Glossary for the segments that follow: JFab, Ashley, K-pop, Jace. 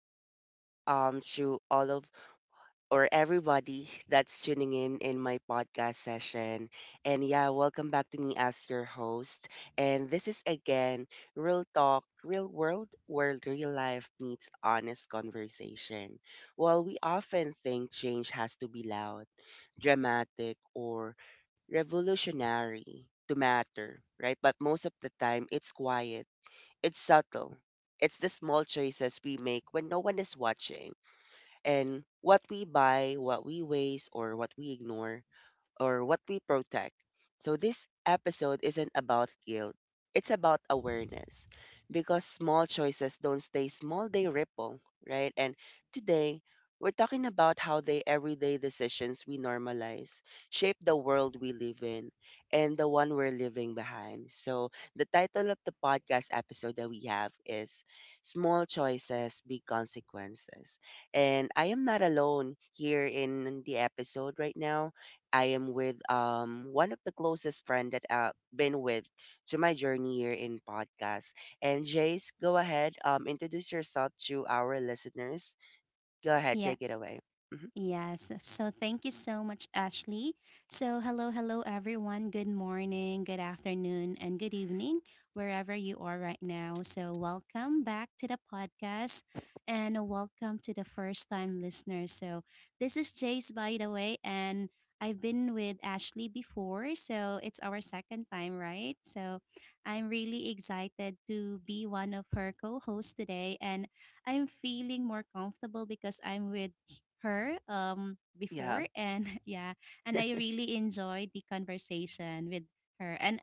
good evening, to all of or everybody that's tuning in my podcast session. And yeah, welcome back to me as your host. And this is again Real Talk, Real World, where real life meets honest conversation. While we often think change has to be loud, dramatic, or revolutionary to matter, right? But most of the time, it's quiet it's subtle. It's the small choices we make when no one is watching, and what we buy, what we waste, or what we ignore or what we protect. So this episode isn't about guilt, it's about awareness because small choices don't stay small, they ripple, right? And today, we're talking about how the everyday decisions we normalize shape the world we live in and the one we're leaving behind. So the title of the podcast episode that we have is Small Choices, Big Consequences. And I am not alone here in the episode right now. I am with one of the closest friend that I've been with to my journey here in podcast. And Jace, go ahead, introduce yourself to our listeners. Go ahead, Yeah, take it away. Mhm. yes. So thank you so much, Ashley. So, hello, hello, everyone. Good morning, good afternoon, and good evening, wherever you are right now. So, welcome back to the podcast and welcome to the first time listeners. So, this is Jace, by the way, and I've been with Ashley before, so it's our second time, right? So, I'm really excited to be one of her co hosts today, and I'm feeling more comfortable because I'm with her Yeah. before and yeah, and I really enjoyed the conversation with her. And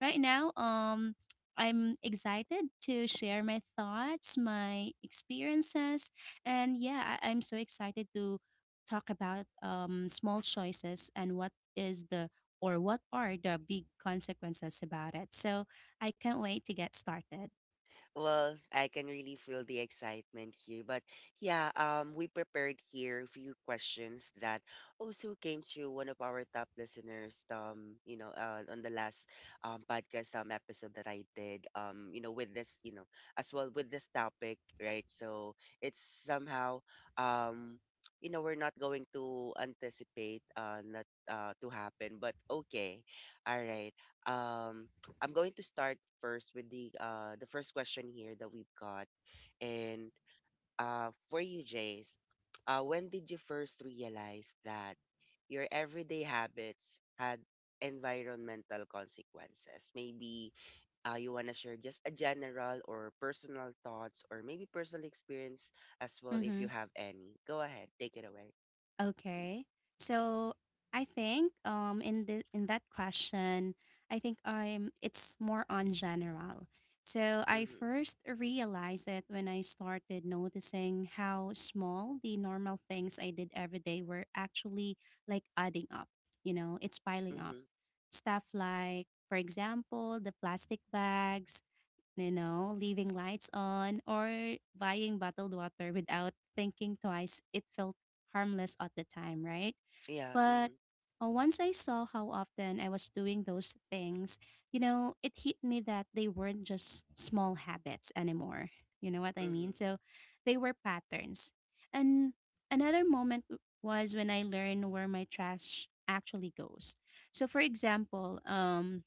right now I'm excited to share my thoughts, my experiences, and yeah, I'm so excited to talk about small choices and what is the, or what are the big consequences about it. So I can't wait to get started. Well, I can really feel the excitement here. But yeah, we prepared here a few questions that also came to one of our top listeners, on the last podcast episode that I did, with this, you know, as well with this topic, right? So it's somehow, um, you know, we're not going to anticipate not to happen, but okay, all right. Um, I'm going to start first with the first question here that we've got. And for you, Jace, when did you first realize that your everyday habits had environmental consequences? Maybe you wanna share just a general or personal thoughts or maybe personal experience as well if Mm-hmm. you have any. Go ahead, take it away. Okay. So I think in the in that question, I think I'm it's more on general. So I Mm-hmm. first realized it when I started noticing how small the normal things I did every day were actually like adding up. You know, it's piling up. Mm-hmm. Stuff like, for example, the plastic bags, you know, leaving lights on, or buying bottled water without thinking twice. It felt harmless at the time, right? Yeah. But Mm-hmm. Once I saw how often I was doing those things, you know, it hit me that they weren't just small habits anymore. You know what I mean? Mm-hmm. So they were patterns. And another moment was when I learned where my trash actually goes. So for example,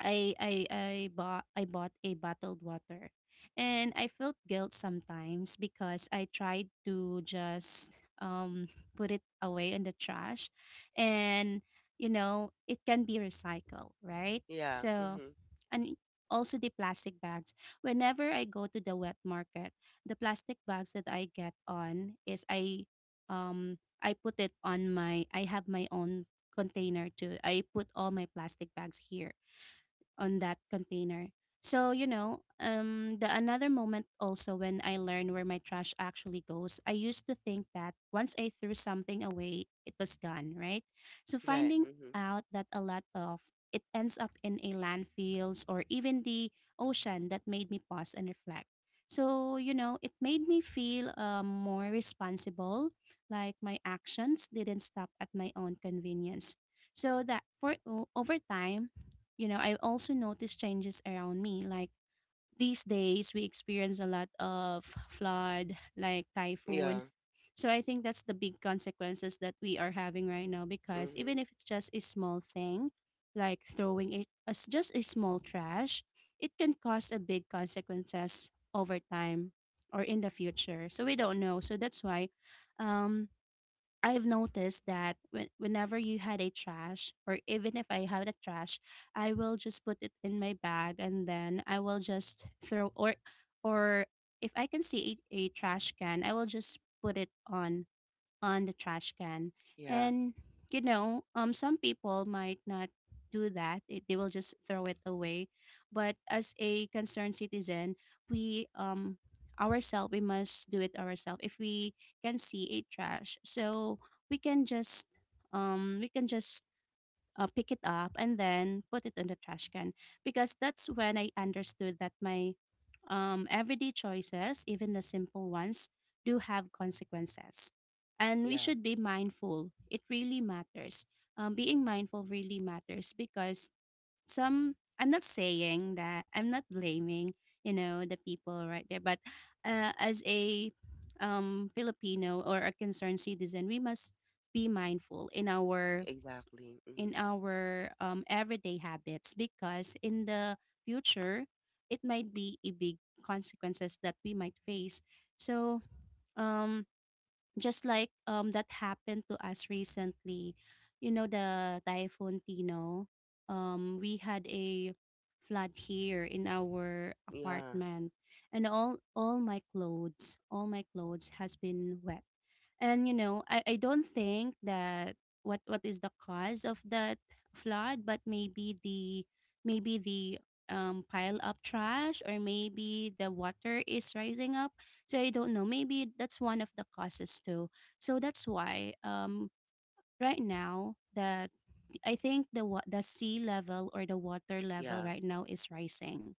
I bought a bottled water. And I felt guilt sometimes because I tried to just um put it away in the trash, and you know, it can be recycled, right? Yeah. So, Mm-hmm. and also the plastic bags. Whenever I go to the wet market, the plastic bags that I get on is I put it on my, I have my own container too. I put all my plastic bags here on that container. So, you know, the another moment also when I learned where my trash actually goes, I used to think that once I threw something away, it was gone, right? So Right. finding Mm-hmm. out that a lot of it ends up in a landfills or even the ocean, that made me pause and reflect. So, you know, it made me feel more responsible, like my actions didn't stop at my own convenience. So that for over time, you know, I also noticed changes around me. Like these days, we experience a lot of flood, like Yeah. typhoon. So I think that's the big consequences that we are having right now, because Mm-hmm. even if it's just a small thing, like throwing it as just a small trash, it can cause a big consequences over time or in the future. So we don't know. So that's why um I've noticed that when, whenever you had a trash, or even if I had a trash, I will just put it in my bag and then I will just throw, or if I can see a trash can, I will just put it on the trash can. Yeah. And you know, some people might not do that; it, they will just throw it away. But as a concerned citizen, we ourselves, we must do it ourselves. If we can see a trash, so we can just we can just pick it up and then put it in the trash can, because that's when I understood that my everyday choices, even the simple ones, do have consequences. And we Yeah. should be mindful. It really matters. Being mindful really matters because some, I'm not saying that, I'm not blaming, you know, the people right there, but as a Filipino or a concerned citizen, we must be mindful in our Exactly. Mm. Everyday habits, because in the future it might be a big consequences that we might face. So um just like that happened to us recently, you know, the typhoon Tino, we had a flood here in our Yeah. apartment, and all my clothes, all my clothes has been wet. And you know, I don't think that what is the cause of that flood, but maybe the pile up trash or maybe the water is rising up. So I don't know. Maybe that's one of the causes too. So that's why right now that I think the the sea level or the water level Yeah. right now is rising.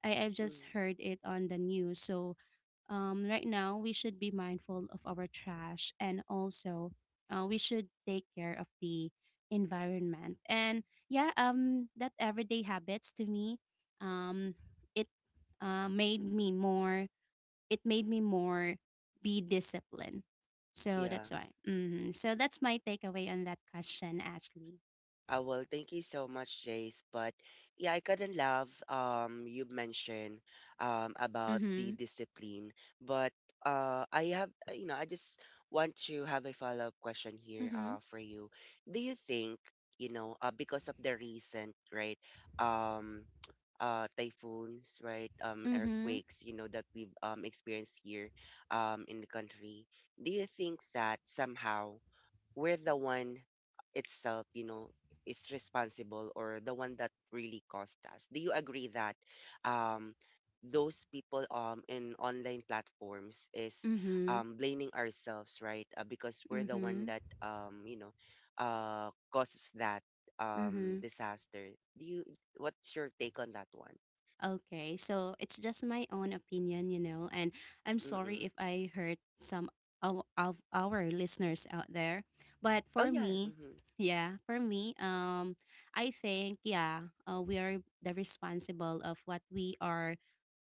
I've just Mm. heard it on the news. So right now we should be mindful of our trash, and also we should take care of the environment. And yeah, that everyday habits to me, um it uh, made me more it made me more be disciplined. So Yeah. that's why, so that's my takeaway on that question, Ashley. Well, thank you so much, Jace. But yeah, I couldn't love you mentioned about Mm-hmm. the discipline. But I have you know, I just want to have a follow up question here Mm-hmm. For you. Do you think, you know, because of the recent, right? um typhoons, right? Mm-hmm. Earthquakes, you know, that we've experienced here in the country. Do you think that somehow we're the one itself, you know, is responsible or the one that really caused us. Do you agree that um, those people in online platforms is Mm-hmm. Blaming ourselves, right? Because we're the one Mm-hmm. that, you know, causes that Mm-hmm. disaster. Do you? What's your take on that one? Okay, so it's just my own opinion, you know, and I'm sorry if Mm-mm. I hurt some of our listeners out there. But Oh for yeah, me, mm-hmm. yeah, for me, I think, yeah, we are the responsible of what we are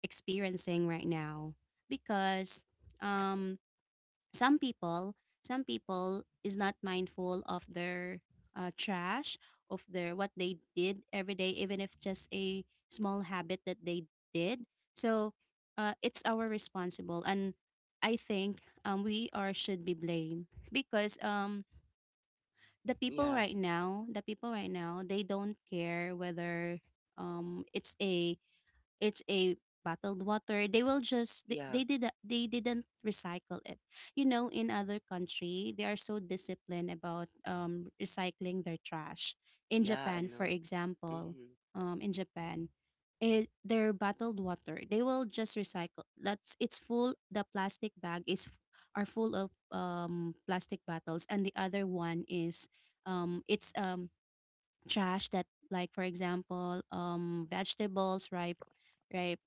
experiencing right now, because, um, some people some people is not mindful of their trash, of their what they did every day, even if just a small habit that they did. So it's our responsible, and I think we are should be blamed, because the people Yeah, right now the people right now they don't care whether um, it's a it's a bottled water, they will just yeah, they did they didn't recycle it. You know, in other country they are so disciplined about recycling their trash. In yeah. I Japan, for know. example, Mm-hmm. In Japan, it, their bottled water they will just recycle. That's, it's full, the plastic bag are full of plastic bottles, and the other one is it's trash that, like for example, vegetables, ripe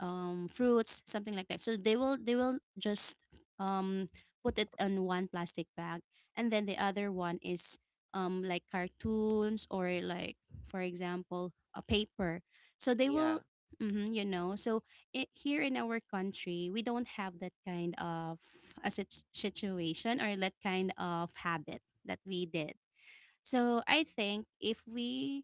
fruits, something like that. So they will just um put it in one plastic bag, and then the other one is like cartoons or, like for example, a paper. So they will, Yeah, mhm, you know. So it, here in our country we don't have that kind of a situation or that kind of habit that we did. So I think if we,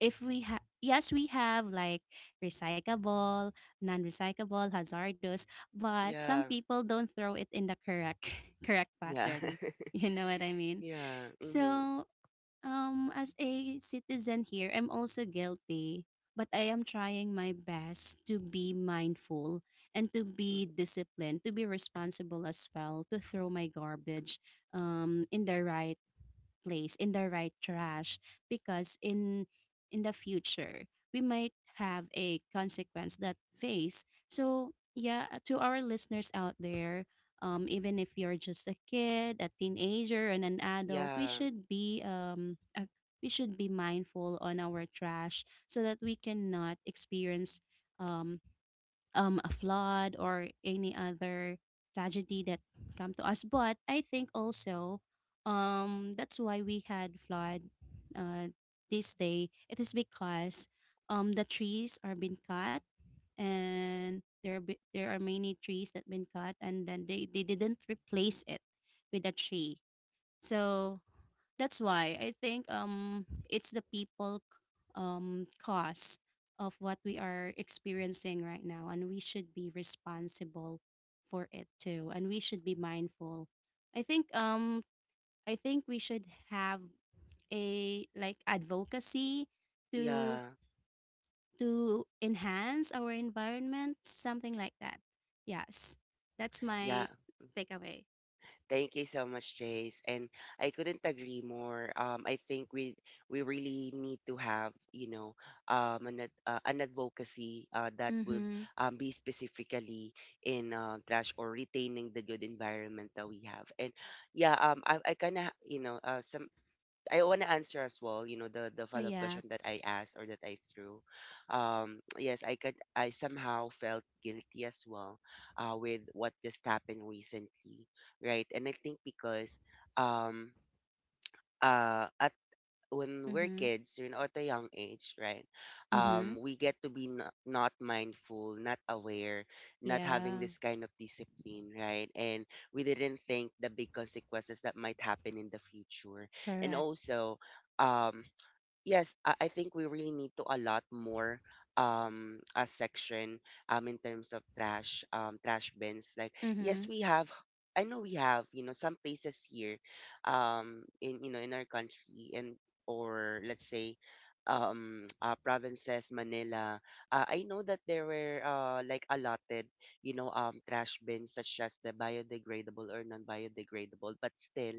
if we have, yes, we have like recyclable, non-recyclable, hazardous, but some yeah, people don't throw it in the correct correct yeah. pattern, you know what I mean. Yeah. Mm-hmm. So as a citizen here, I'm also guilty, but I am trying my best to be mindful, and to be Hmm. disciplined, to be responsible as well, to throw my garbage in the right place, in the right trash, because in the future we might have a consequence that face. So yeah, to our listeners out there, even if you're just a kid, a teenager, and an adult, Yeah. We should be mindful on our trash, so that we cannot experience um a flood or any other tragedy that come to us. But I think also that's why we had flood uh, this day. It is because the trees are been cut, and there are, there are many trees that been cut, and then they didn't replace it with a tree. So that's why I think it's the people cause of what we are experiencing right now, and we should be responsible for it too, and we should be mindful. I think um I think we should have a like advocacy to Yeah. to enhance our environment, something like that. Yes. That's Yeah. my takeaway. Thank you so much, Jace. And I couldn't agree more. I think we really need to have, you know, an an advocacy that would Mhm. Be specifically in trash or retaining the good environment that we have. And yeah, I kind of, you know, some I want to answer as well, you know, the Oh, follow-up yeah. question that I asked or that I threw. Yes, I somehow felt guilty as well with what just happened recently, right? And I think because um at when we're Mhm. kids, you know, at a young age, right? Mhm. Um, we get to be not mindful, not aware, not Yeah. having this kind of discipline, right? And we didn't think the big consequences that might happen in the future. And Correct. also, um, yes, I think we really need to a lot more, um, a section, um, in terms of trash trash bins. Like yes, Mhm. we have I know we have, you know, some places here in, you know, in our country. And or let's say, um, provinces Manila. I know that there were like allotted, you know, um, trash bins such as the biodegradable or non-biodegradable, but still,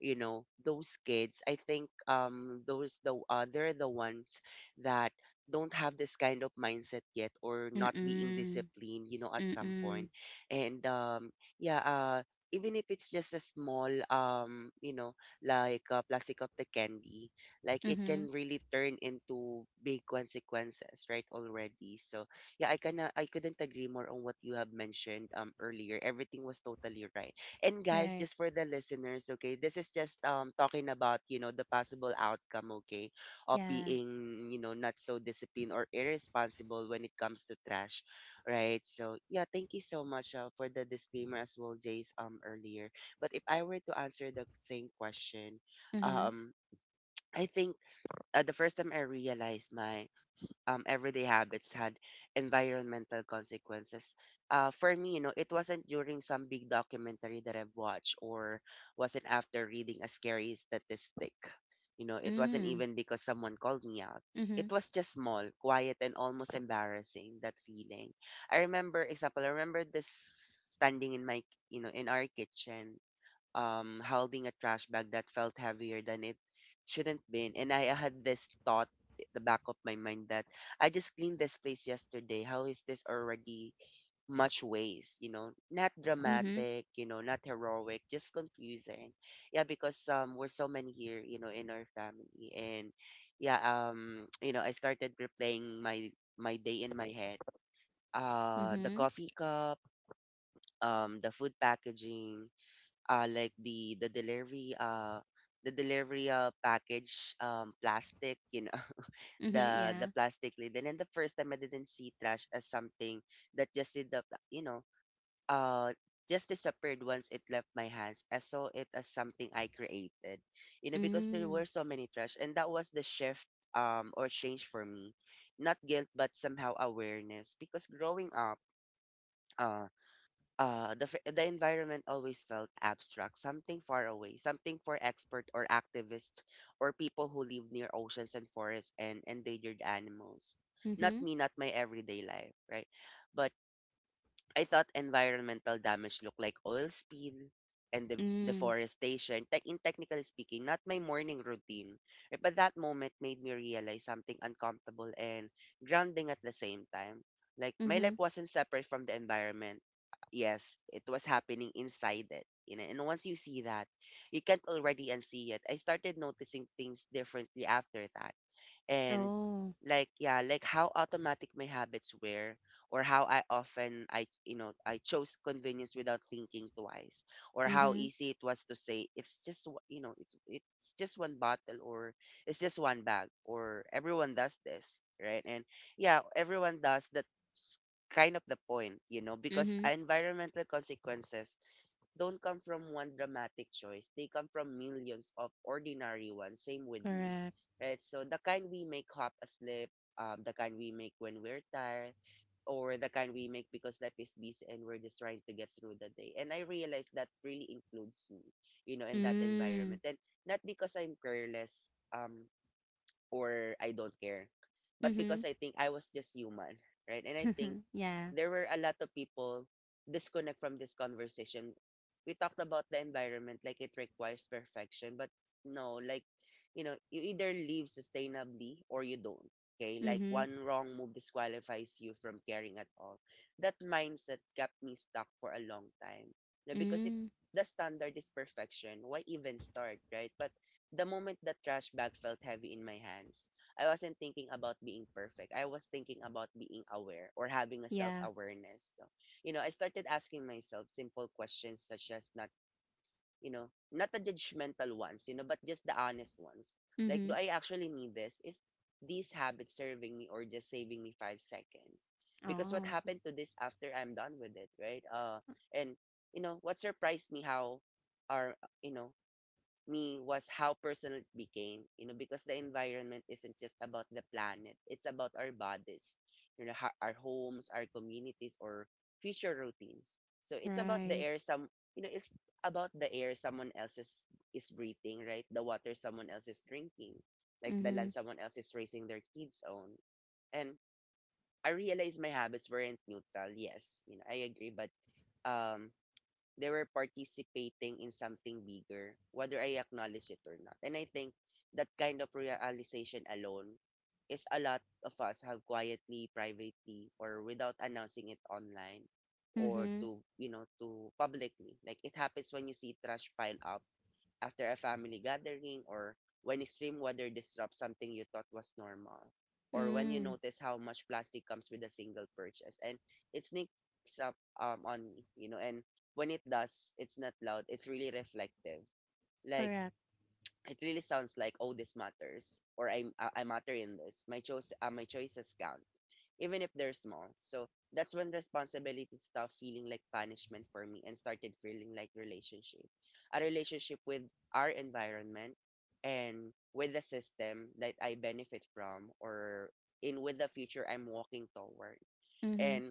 you know, those kids I think, those the they're the ones that don't have this kind of mindset yet or not being Mm. disciplined, you know, at some Mm. point. And um, yeah uh, even if it's just a small, um, you know, like a plastic of the candy, like it Mhm. can really turn into big consequences, right, already. So yeah, I kind of I couldn't agree more on what you have mentioned, um, earlier. Everything was totally right. And guys, Right. just for the listeners, okay, this is just talking about, you know, the possible outcome, okay, of Yeah. being, you know, not so disciplined or irresponsible when it comes to trash, right? So yeah, thank you so much for the disclaimer as well, Jace, um, earlier. But if I were to answer the same question, Mhm. um, I think the first time I realized my, everyday habits had environmental consequences. For me, you know, it wasn't during some big documentary that I've watched or wasn't after reading a scary statistic. You know, it wasn't Mm. even because someone called me out. Mhm. It was just small, quiet, and almost embarrassing, that feeling. I remember this standing in my, you know, in our kitchen, holding a trash bag that felt heavier than it shouldn't been. And I had this thought at the back of my mind that I just cleaned this place yesterday. How is this already much waste? You know, not Mhm. dramatic, you know, not heroic, just confusing. Yeah, because we're so many here, you know, in our family. And yeah, you know, I started replaying my day in my head. Uh, the Mhm. coffee cup, the food packaging, uh, like the the delivery uh the delivery package, um, plastic, you know, Mhm. the Yeah. plastic lid. And then the first time I didn't see trash as something that just did the, you know, uh just disappeared once it left my hands, I saw it as something I created, you know, because there Mm. were so many trash. And that was the shift, um, or change for me. Not guilt but somehow awareness because growing up, uh, the environment always felt abstract, something far away, something for expert or activists or people who live near oceans and forests and endangered animals. Not Mhm. me, not my everyday life, right? But I thought environmental damage looked like oil spill and Mm. deforestation. Technically speaking, not my morning routine. Eh, but that moment made me realize something uncomfortable and grounding at the same time. Like my life Mhm. wasn't separate from the environment. Yes, it was happening inside it. You know, and once you see that, you can't already unsee it. I started noticing things differently after that. And Oh. like yeah, like how automatic my habits were or how I often i, you know, I chose convenience without thinking twice or how Mhm. easy it was to say it's just you know, it's just one bottle or it's just one bag or everyone does this, right? And yeah, everyone does that's kind of the point, you know, because Mhm. environmental consequences don't come from one dramatic choice. They come from millions of ordinary ones. Same with me, Correct. right? So the kind we make hop asleep, the kind we make when we're tired, or the kind we make because life is busy and we're just trying to get through the day. And I realized that really includes me, you know, in that Mm. environment. And not because I'm careless, um, or I don't care, but because Mhm. I think I was just human, right? And I think Yeah. there were a lot of people disconnect from this conversation. We talked about the environment like it requires perfection, but no, like, you know, you either live sustainably or you don't. Okay, like Mhm. one wrong move disqualifies you from caring at all. That mindset kept me stuck for a long time. Now, because if Mm. the standard is perfection, why even start, right? But the moment the trash bag felt heavy in my hands, I wasn't thinking about being perfect. I was thinking about being aware or having a self Yeah. awareness. So, you know, I started asking myself simple questions such as not, you know, not the judgmental ones, you know, but just the honest ones. Like, do Mhm. I actually need this? Is this habit serving me or just saving me 5 seconds? Because what Oh. happened to this after I'm done with it, right? And what surprised me how our, you know, me was how personal it became, because the environment isn't just about the planet, it's about our bodies, our homes, our communities, or future routines. So it's about the Right. air it's about the air someone else is breathing, right? The water someone else is drinking, like the land Mhm. someone else is raising their kids on. And I realized my habits weren't neutral. Yes, I agree, but um, they were participating in something bigger, whether I acknowledge it or not. And I think that kind of realization alone is a lot of us have quietly, privately, or without announcing it online or Mhm. to publicly. Like, it happens when you see trash pile up after a family gathering, or when extreme weather disrupts something you thought was normal, or when you Mm. notice how much plastic comes with a single purchase. And it sneaks up on me, and when it does, it's not loud, it's really reflective. Like, Correct. it really sounds like, oh, this matters, or I matter in this. My choices count, even if they're small. So that's when responsibility stopped feeling like punishment for me and started feeling like relationship, a relationship with our environment and with the system that I benefit from or in with the future I'm walking toward. Mhm. And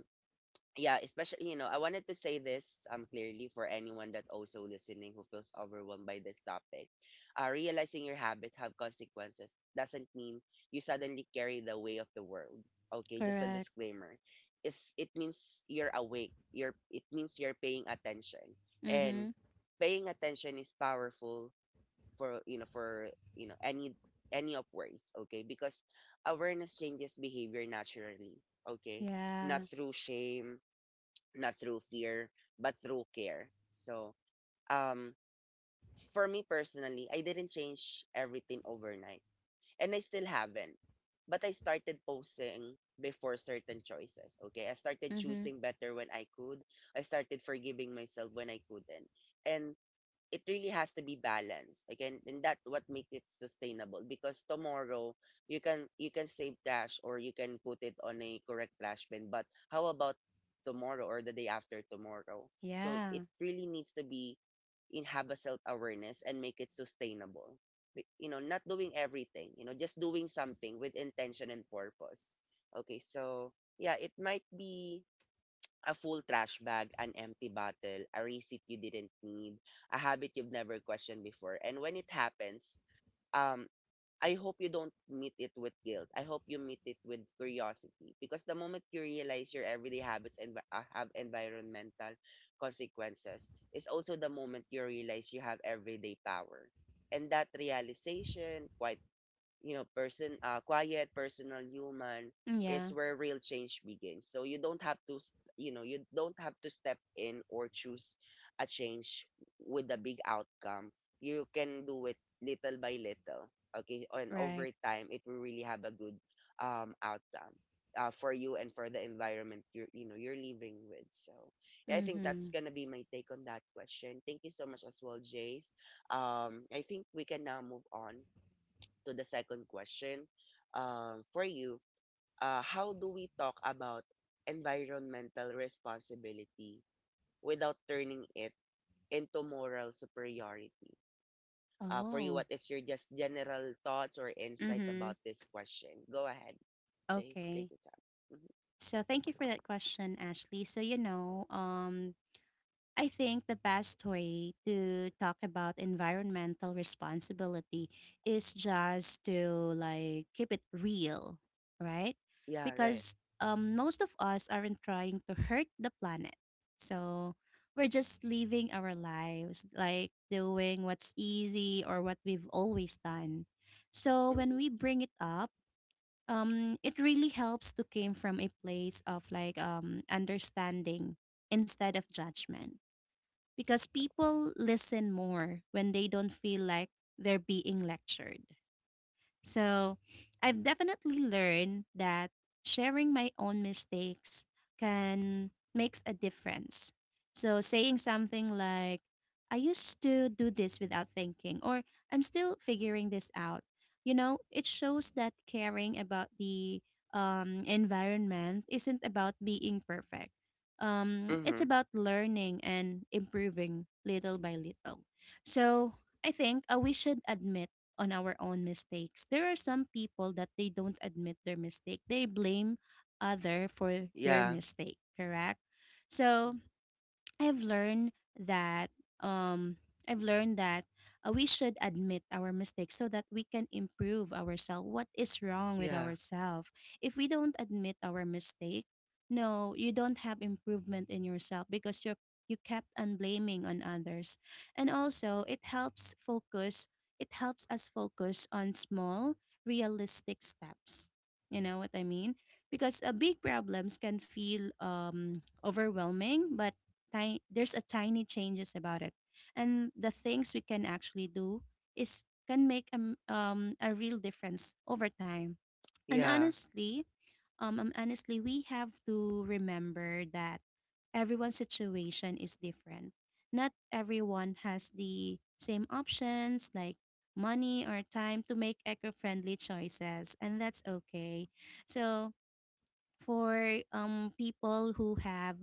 yeah, especially, I wanted to say this clearly for anyone that also listening who feels overwhelmed by this topic. Realizing your habits have consequences doesn't mean you suddenly carry the weight of the world. Okay, just a Correct. disclaimer. It means you're awake. You're it means you're paying attention. Mhm. And paying attention is powerful for you know any any of words, okay? Because awareness changes behavior naturally, okay? Not Yeah. through shame, not through fear, but through care. So, um, for me personally, I didn't change everything overnight, and I still haven't. But I started posing before certain choices. Okay, I started Mhm. choosing better when I could. I started forgiving myself when I couldn't, and it really has to be balanced again, and that what makes it sustainable, because tomorrow you can save trash or you can put it on a correct trash bin. But how about tomorrow or the day after tomorrow? So Yeah. it really needs to be in, have a self awareness and make it sustainable. Not doing everything, just doing something with intention and purpose. Okay, so yeah, it might be a full trash bag, an empty bottle, a receipt you didn't need, a habit you've never questioned before. And when it happens, um, I hope you don't meet it with guilt. I hope you meet it with curiosity, because the moment you realize your everyday habits and have environmental consequences is also the moment you realize you have everyday power. And that realization, quiet, personal, human, Yeah. is where real change begins. So you don't have to step in or choose a change with a big outcome. You can do it little by little. Okay. And over Right. time, it will really have a good, outcome. For you, and for the environment you're you know you're living with. So yeah, I think that's Mm-hmm. gonna be my take on that question. Thank you so much as well, Jace. I think we can now move on to the second question, for you. How do we talk about environmental responsibility without turning it into moral superiority? For you, Oh. what is your just general thoughts or insight Mm-hmm. about this question? Go ahead, Chase. Okay. Take your time. Mhm. So thank you for that question, Ashley. So you know, I think the best way to talk about environmental responsibility is just to like keep it real, right? Yeah, right. Because most of us aren't trying to hurt the planet. So we're just living our lives, like doing what's easy or what we've always done. So when Mm-hmm. we bring it up, it really helps to came from a place of like understanding instead of judgment, because people listen more when they don't feel like they're being lectured. So I've definitely learned that sharing my own mistakes can makes a difference. So saying something like, I used to do this without thinking, or I'm still figuring this out. You know, it shows that caring about the environment isn't about being perfect. It's Mm-hmm. about learning and improving little by little. So I think we should admit on our own mistakes. There are some people that they don't admit their mistake. They blame other for their Yeah. mistake, correct? So I've learned that um I've learned that we should admit our mistakes so that we can improve ourselves. What is wrong with Yeah. ourselves? If we don't admit our mistake, no, you don't have improvement in yourself because you kept on blaming on others. And also, it helps focus. It helps us focus on small, realistic steps. You know what I mean? Because big problems can feel overwhelming, but tiny there's a tiny changes about it, and the things we can actually do is can make a real difference over time. And Yeah. honestly we have to remember that everyone's situation is different. Not everyone has the same options, like money or time to make eco-friendly choices, and that's okay. So for people who have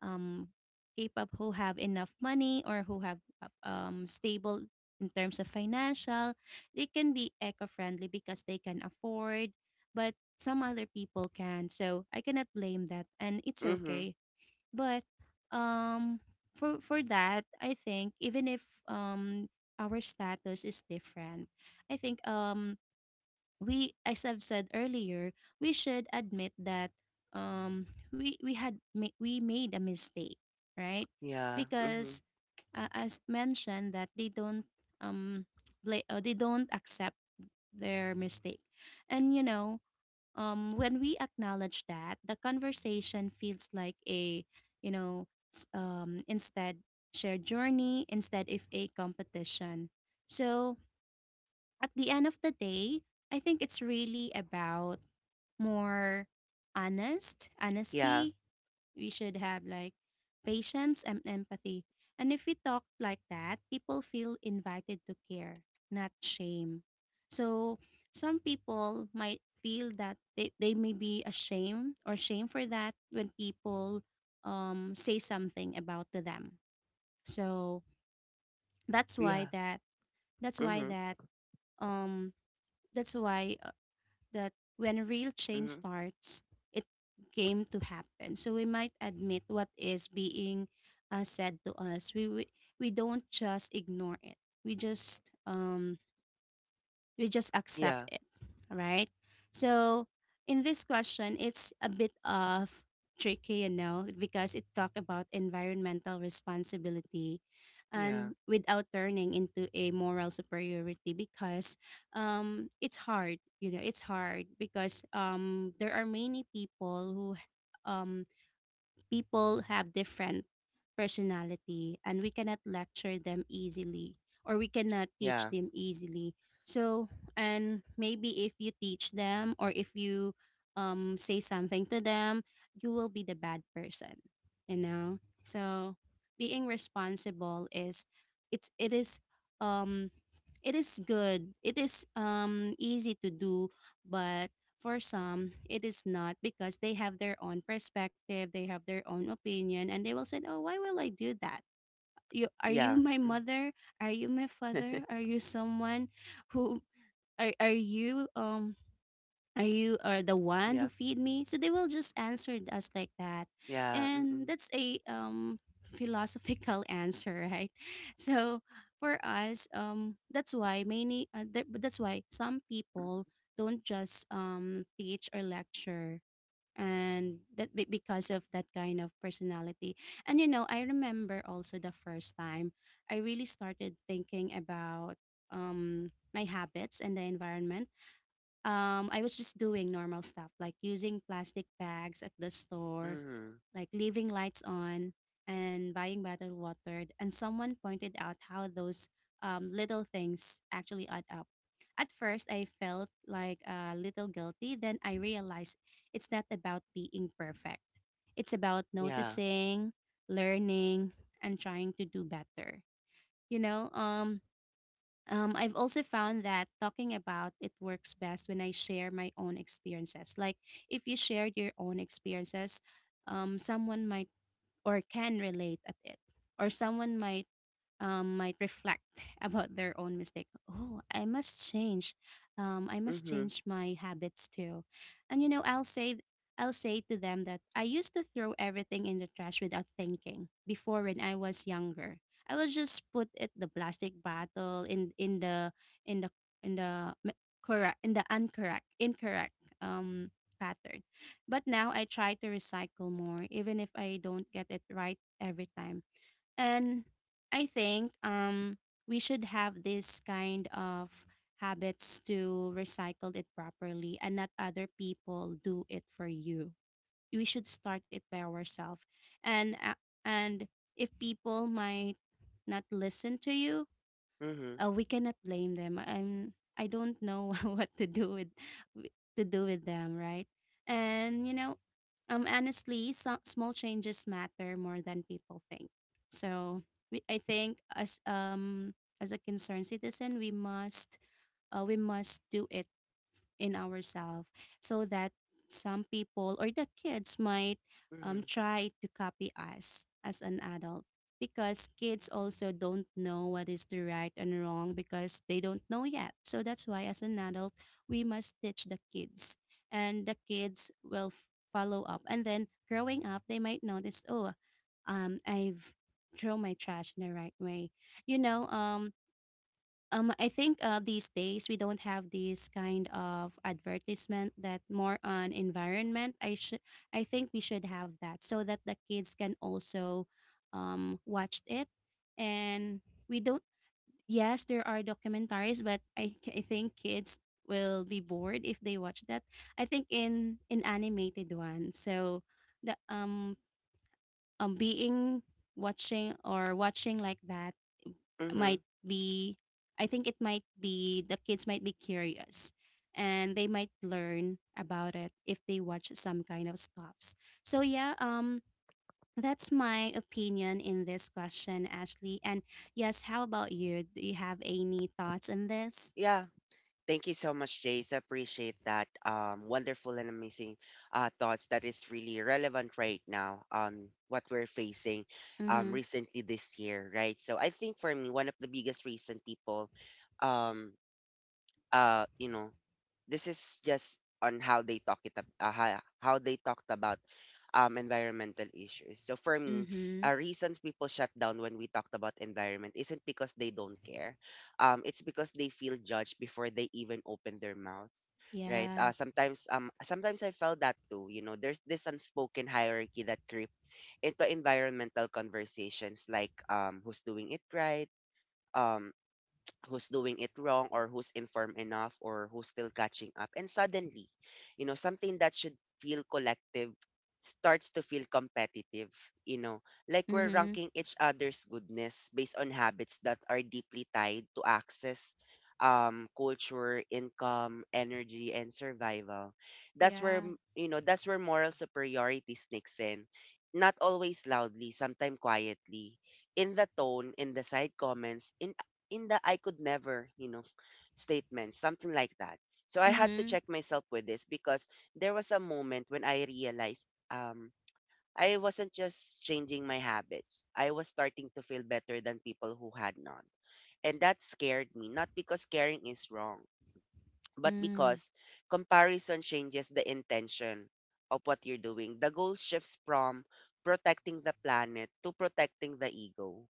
um K-pop, who have enough money, or who have stable in terms of financial, they can be eco-friendly because they can afford, but some other people can. So I cannot blame that, and it's Mm-hmm. okay. But um for that, I think even if our status is different, I think we, as I've said earlier, we should admit that um we made a mistake, right? Yeah. Mm-hmm. Because as mentioned, that they don't um accept their mistake. And you know, when we acknowledge that, the conversation feels like a, you know, instead, shared journey instead of a competition. So, at the end of the day, I think it's really about more Yeah. honesty. We should have like patience and empathy. And if we talk like that, people feel invited to care, not shame. So some people might feel that they may be ashamed or shame for that when people say something about to them. So that's why Yeah. that that's why Mm-hmm. that um that's why when real change Mm-hmm. starts, it came to happen. So we might admit what is being said to us. We don't just ignore it. We just um we just accept Yeah. it, right? So in this question, it's a bit of tricky, you know, because it talk about environmental responsibility Yeah. and without turning into a moral superiority. Because it's hard, because there are many people who um people have different personality, and we cannot lecture them easily or we cannot teach Yeah. them easily. So, and maybe if you teach them or if you say something to them, you will be the bad person, you know? So, being responsible, is it's um it is good, it is easy to do, but for some, it is not, because they have their own perspective, they have their own opinion, and they will say, "Oh, why will I do that? You Yeah. my Mm-hmm. mother? Are you my father? Are you someone who are are you um are the one who Yeah. feed me?" So they will just answer us like that. Yeah, And mm-mm, that's a philosophical answer, right? So for us, that's why some mhm, people don't just teach or lecture, and because of that kind of personality. And you know, I remember also the first time I really started thinking about my habits and the environment. I was just doing normal stuff, like using plastic bags at the store, mhm, like leaving lights on, and buying bottled water. And someone pointed out how those little things actually add up. At first, I felt like a little guilty. Then I realized it's not about being perfect, it's about yeah, noticing, learning, and trying to do better. You know, I've also found that talking about it works best when I share my own experiences. Like, if you shared your own experiences, someone might or can relate at it, or someone might reflect about their own mistake. Oh, I must mhm, change my habits too. And you know, I'll say to them that I used to throw everything in the trash without thinking before, when I was younger. I will just put it, the plastic bottle, in the in the in the m- correct in the incorrect um pattern. But now I try to recycle more, even if I don't get it right every time. And I think, we should have this kind of habits to recycle it properly, and not other people do it for you. We should start it by ourselves. And, and if people might not listen to you, mhm, we cannot blame them. I don't know what to do with, them, right? And you know, honestly, so, small changes matter more than people think. So I think as a concerned citizen, we must do it in ourselves, so that some people or the kids might mhm, try to copy us as an adult, because kids also don't know what is the right and wrong, because they don't know yet. So that's why, as an adult, we must teach the kids, and the kids will follow up. And then growing up, they might notice, oh, I've thrown my trash in the right way. You know, I think, these days we don't have this kind of advertisement that more on environment. I think we should have that so that the kids can also watch it. And we don't. Yes, there are documentaries, but I think kids will be bored if they watch that. I think in animated one. So the being watching or watching like that mhm. might be I think it might be the kids might be curious, and they might learn about it if they watch some kind of stuffs. So yeah, that's my opinion in this question, Ashley. And yes, how about you? Do you have any thoughts on this? Yeah, thank you so much, Jace. I appreciate that. Wonderful and amazing thoughts that is really relevant right now. What we're facing, Mm-hmm. recently this year, right? So I think, for me, one of the biggest reason people, um, uh, you know, this is just on how they talk it how they talked about environmental issues. So for me, Mm-hmm. a reason people shut down when we talked about environment isn't because they don't care. It's because they feel judged before they even open their mouth. Right. Yeah. Sometimes I felt that too. There's this unspoken hierarchy that creep into environmental conversations, like who's doing it right, um who's doing it wrong, or who's informed enough, or who's still catching up. And suddenly, something that should feel collective starts to feel competitive, you know, like we're Mm-hmm. ranking each other's goodness based on habits that are deeply tied to access, culture, income, energy, and survival. That's where, Yeah. m- you know, that's where moral superiority sneaks in. Not always loudly, sometimes quietly, in the tone, in the side comments, in the I could never, statement, something like that. So I had to Mm-hmm. check myself with this, because there was a moment when I realized, um, I wasn't just changing my habits. I was starting to feel better than people who had not. And that scared me, not because caring is wrong, but Mm. because comparison changes the intention of what you're doing. The goal shifts from protecting the planet to protecting the ego,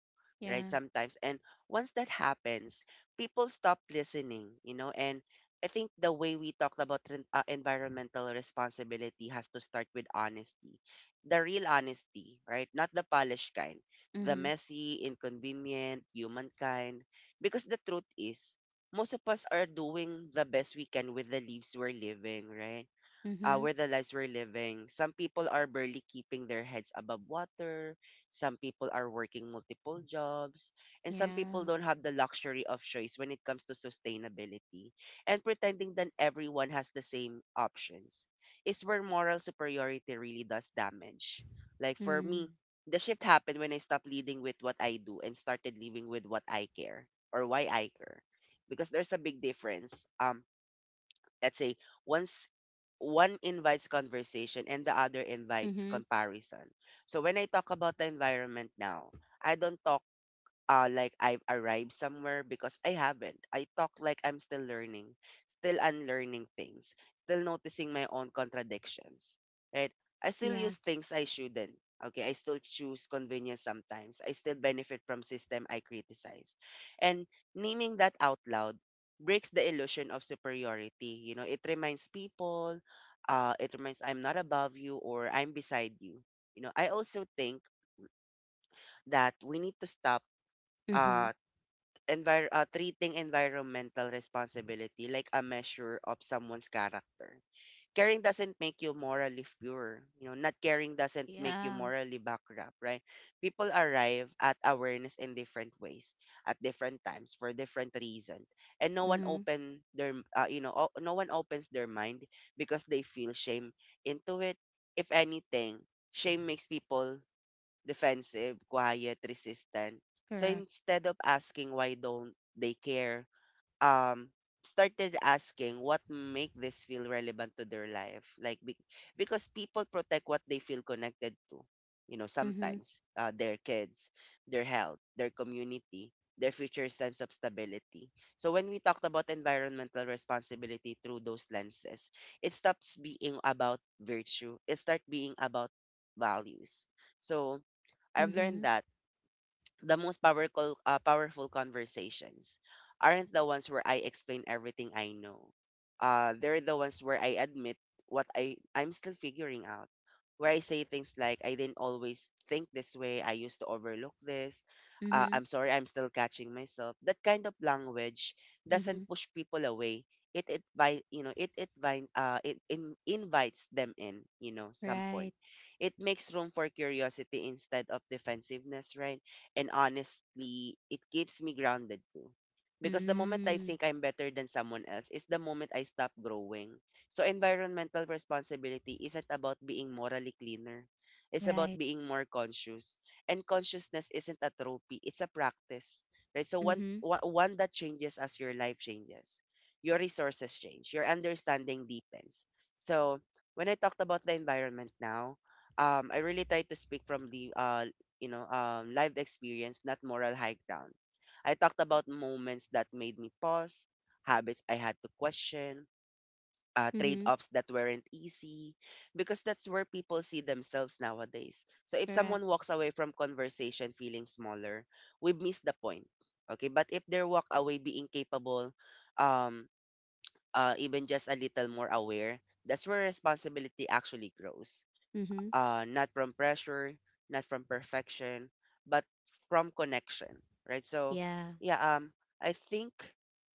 right? Yeah. Sometimes. And once that happens, people stop listening, and I think the way we talked about environmental responsibility has to start with honesty. The real honesty, right? Not the polished kind, the Mm-hmm. messy, inconvenient, human kind. Because the truth is, most of us are doing the best we can with the lives we're living, right? Mm-hmm. Where the lives we're living. Some people are barely keeping their heads above water. Some people are working multiple jobs. And some people Yeah. don't have the luxury of choice when it comes to sustainability. And pretending that everyone has the same options is where moral superiority really does damage. Like, for Mm. me, the shift happened when I stopped leading with what I do and started living with what I care, or why I care. Because there's a big difference. Let's say, once one invites conversation and the other invites Mm-hmm. comparison. So when I talk about the environment now, I don't talk like I've arrived somewhere, because I haven't. I talk like I'm still learning, still unlearning things, still noticing my own contradictions, right? I still Yeah. use things I shouldn't. Okay, I still choose convenience sometimes. I still benefit from system I criticize. And naming that out loud breaks the illusion of superiority. It reminds people, it reminds, I'm not above you, or I'm beside you. I also think that we need to stop Mm-hmm. uh treating environmental responsibility like a measure of someone's character. Caring doesn't make you morally pure. Not caring doesn't make you Yeah. morally bankrupt, right? People arrive at awareness in different ways, at different times, for different reasons, and no one Mm-hmm. open their, no one opens their mind because they feel shame into it. If anything, shame makes people defensive, quiet, resistant. So Correct. instead of asking why don't they care, um, started asking what make this feel relevant to their life. Like, because people protect what they feel connected to. You know, Mm-hmm. sometimes their kids, their health, their community, their future sense of stability. So when we talked about environmental responsibility through those lenses, it stops being about virtue. It starts being about values. So I've Mm-hmm. learned that the most powerful conversations aren't the ones where I explain everything I know. They're the ones where I admit what I'm still figuring out. Where I say things like, I didn't always think this way. I used to overlook this. Mm-hmm. I'm sorry. I'm still catching myself. That kind of language Mm-hmm. doesn't push people away. It by you know it invites them in, some Right. point. It makes room for curiosity instead of defensiveness, right? And honestly, it keeps me grounded too. Because the moment I Mm. think I'm better than someone else is the moment I stop growing. So environmental responsibility isn't about being morally cleaner. It's Right. about being more conscious. And consciousness isn't a trophy, it's a practice. Right? So one, Mm-hmm. one one that changes as your life changes. Your resources change. Your understanding deepens. So when I talked about the environment now, I really try to speak from the lived experience, not moral high ground. I talked about moments that made me pause, habits I had to question, trade Mm-hmm. offs that weren't easy, because that's where people see themselves nowadays. So if Correct. someone walks away from conversation feeling smaller, we've missed the point. Okay, but if they walk away being capable, um, even just a little more aware, that's where responsibility actually grows, Mm-hmm. Not from pressure, not from perfection, but from connection, right? So, Yeah. yeah, I think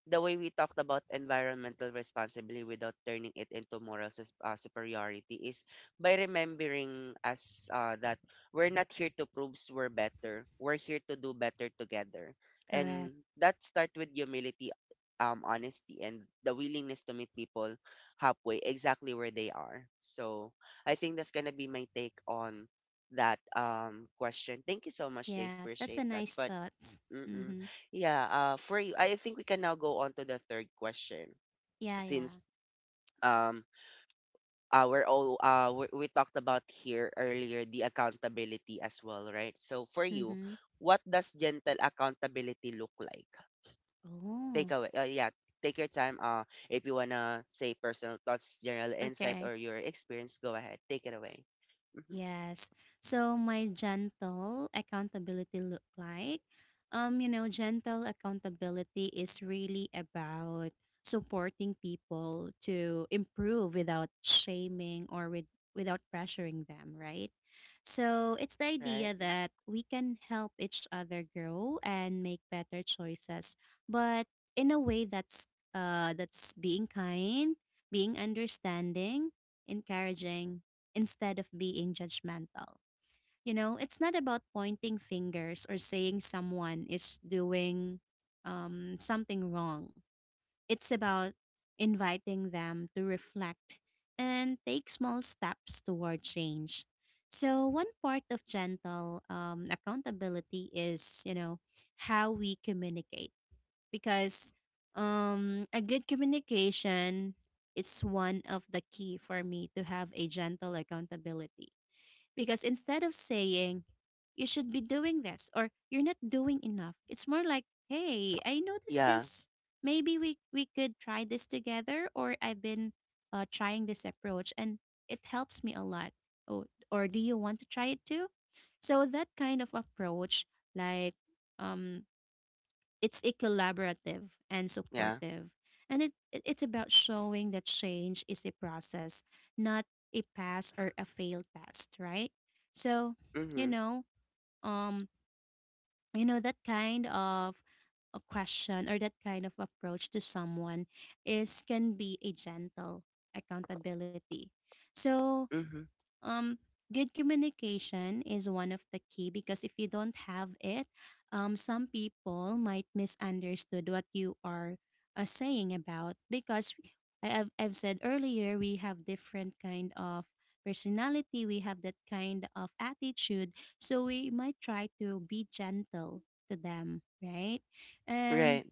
the way we talked about environmental responsibility without turning it into superiority is by remembering us that we're not here to prove we're better. We're here to do better together, and Correct. that starts with humility, honesty, and the willingness to meet people halfway, exactly where they are. So I think that's gonna be my take on that question. Thank you so much, Jace. Yes. That's a Appreciate that. nice But thought. mm-mm. Mm-hmm. Yeah, for you, I think we can now go on to the third question Yeah, yeah. since um we talked about here earlier the accountability as well, right? So for you, Mm-hmm. what does gentle accountability look like? Oh. Take away, yeah. Take your time. If you wanna say personal thoughts, general insight, Okay. or your experience, go ahead. Take it away. Hmm. Yes. So my gentle accountability look like gentle accountability is really about supporting people to improve without shaming or without pressuring them, right? So it's the Right. idea Mm-hmm. that we can help each other grow and make better choices, but in a way that's being kind, being understanding, encouraging, instead of being judgmental. You know, it's not about pointing fingers or saying someone is doing something wrong. It's about inviting them to reflect and take small steps toward change. So, one part of gentle accountability is, you know, how we communicate, because a good communication, it's one of the key for me to have a gentle accountability, because instead of saying, you should be doing this or you're not doing enough, it's more like, hey, I noticed Yeah. this. Maybe we could try this together, or I've been trying this approach and it helps me a lot. Oh, or do you want to try it too? So that kind of approach, like, um, it's a collaborative and Yeah. supportive, and it's about showing that change is a process, not a pass or a failed test, right? So you Mhm. know, um that kind of a question or that kind of approach to someone is can be a gentle accountability. So Mhm. um, good communication is one of the key, because if you don't have it, some people might misunderstood what you are saying about, because I, I've said earlier we have different kind of personality, we have that kind of attitude, so we might try to be gentle to them, right? And Right.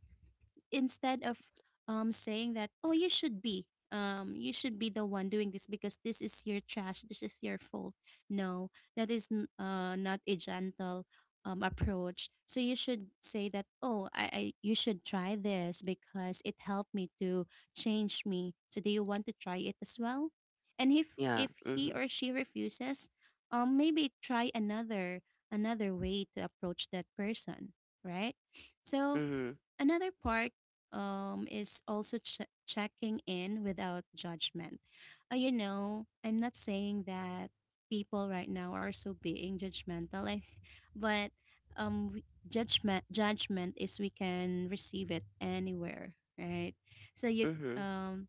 instead of saying that, oh, you should be the one doing this because this is your trash, this is your fault. No, that is not a gentle approach. So you should say that, oh, I you should try this because it helped me to change me, so do you want to try it as well? And if Yeah. if he Mhm. or she refuses, maybe try another way to approach that person, right? So Mhm. another part, is also checking in without judgment. You know, I'm not saying that people right now are so being judgmental, but um, we- judgment is we can receive it anywhere, right? So you Mhm. um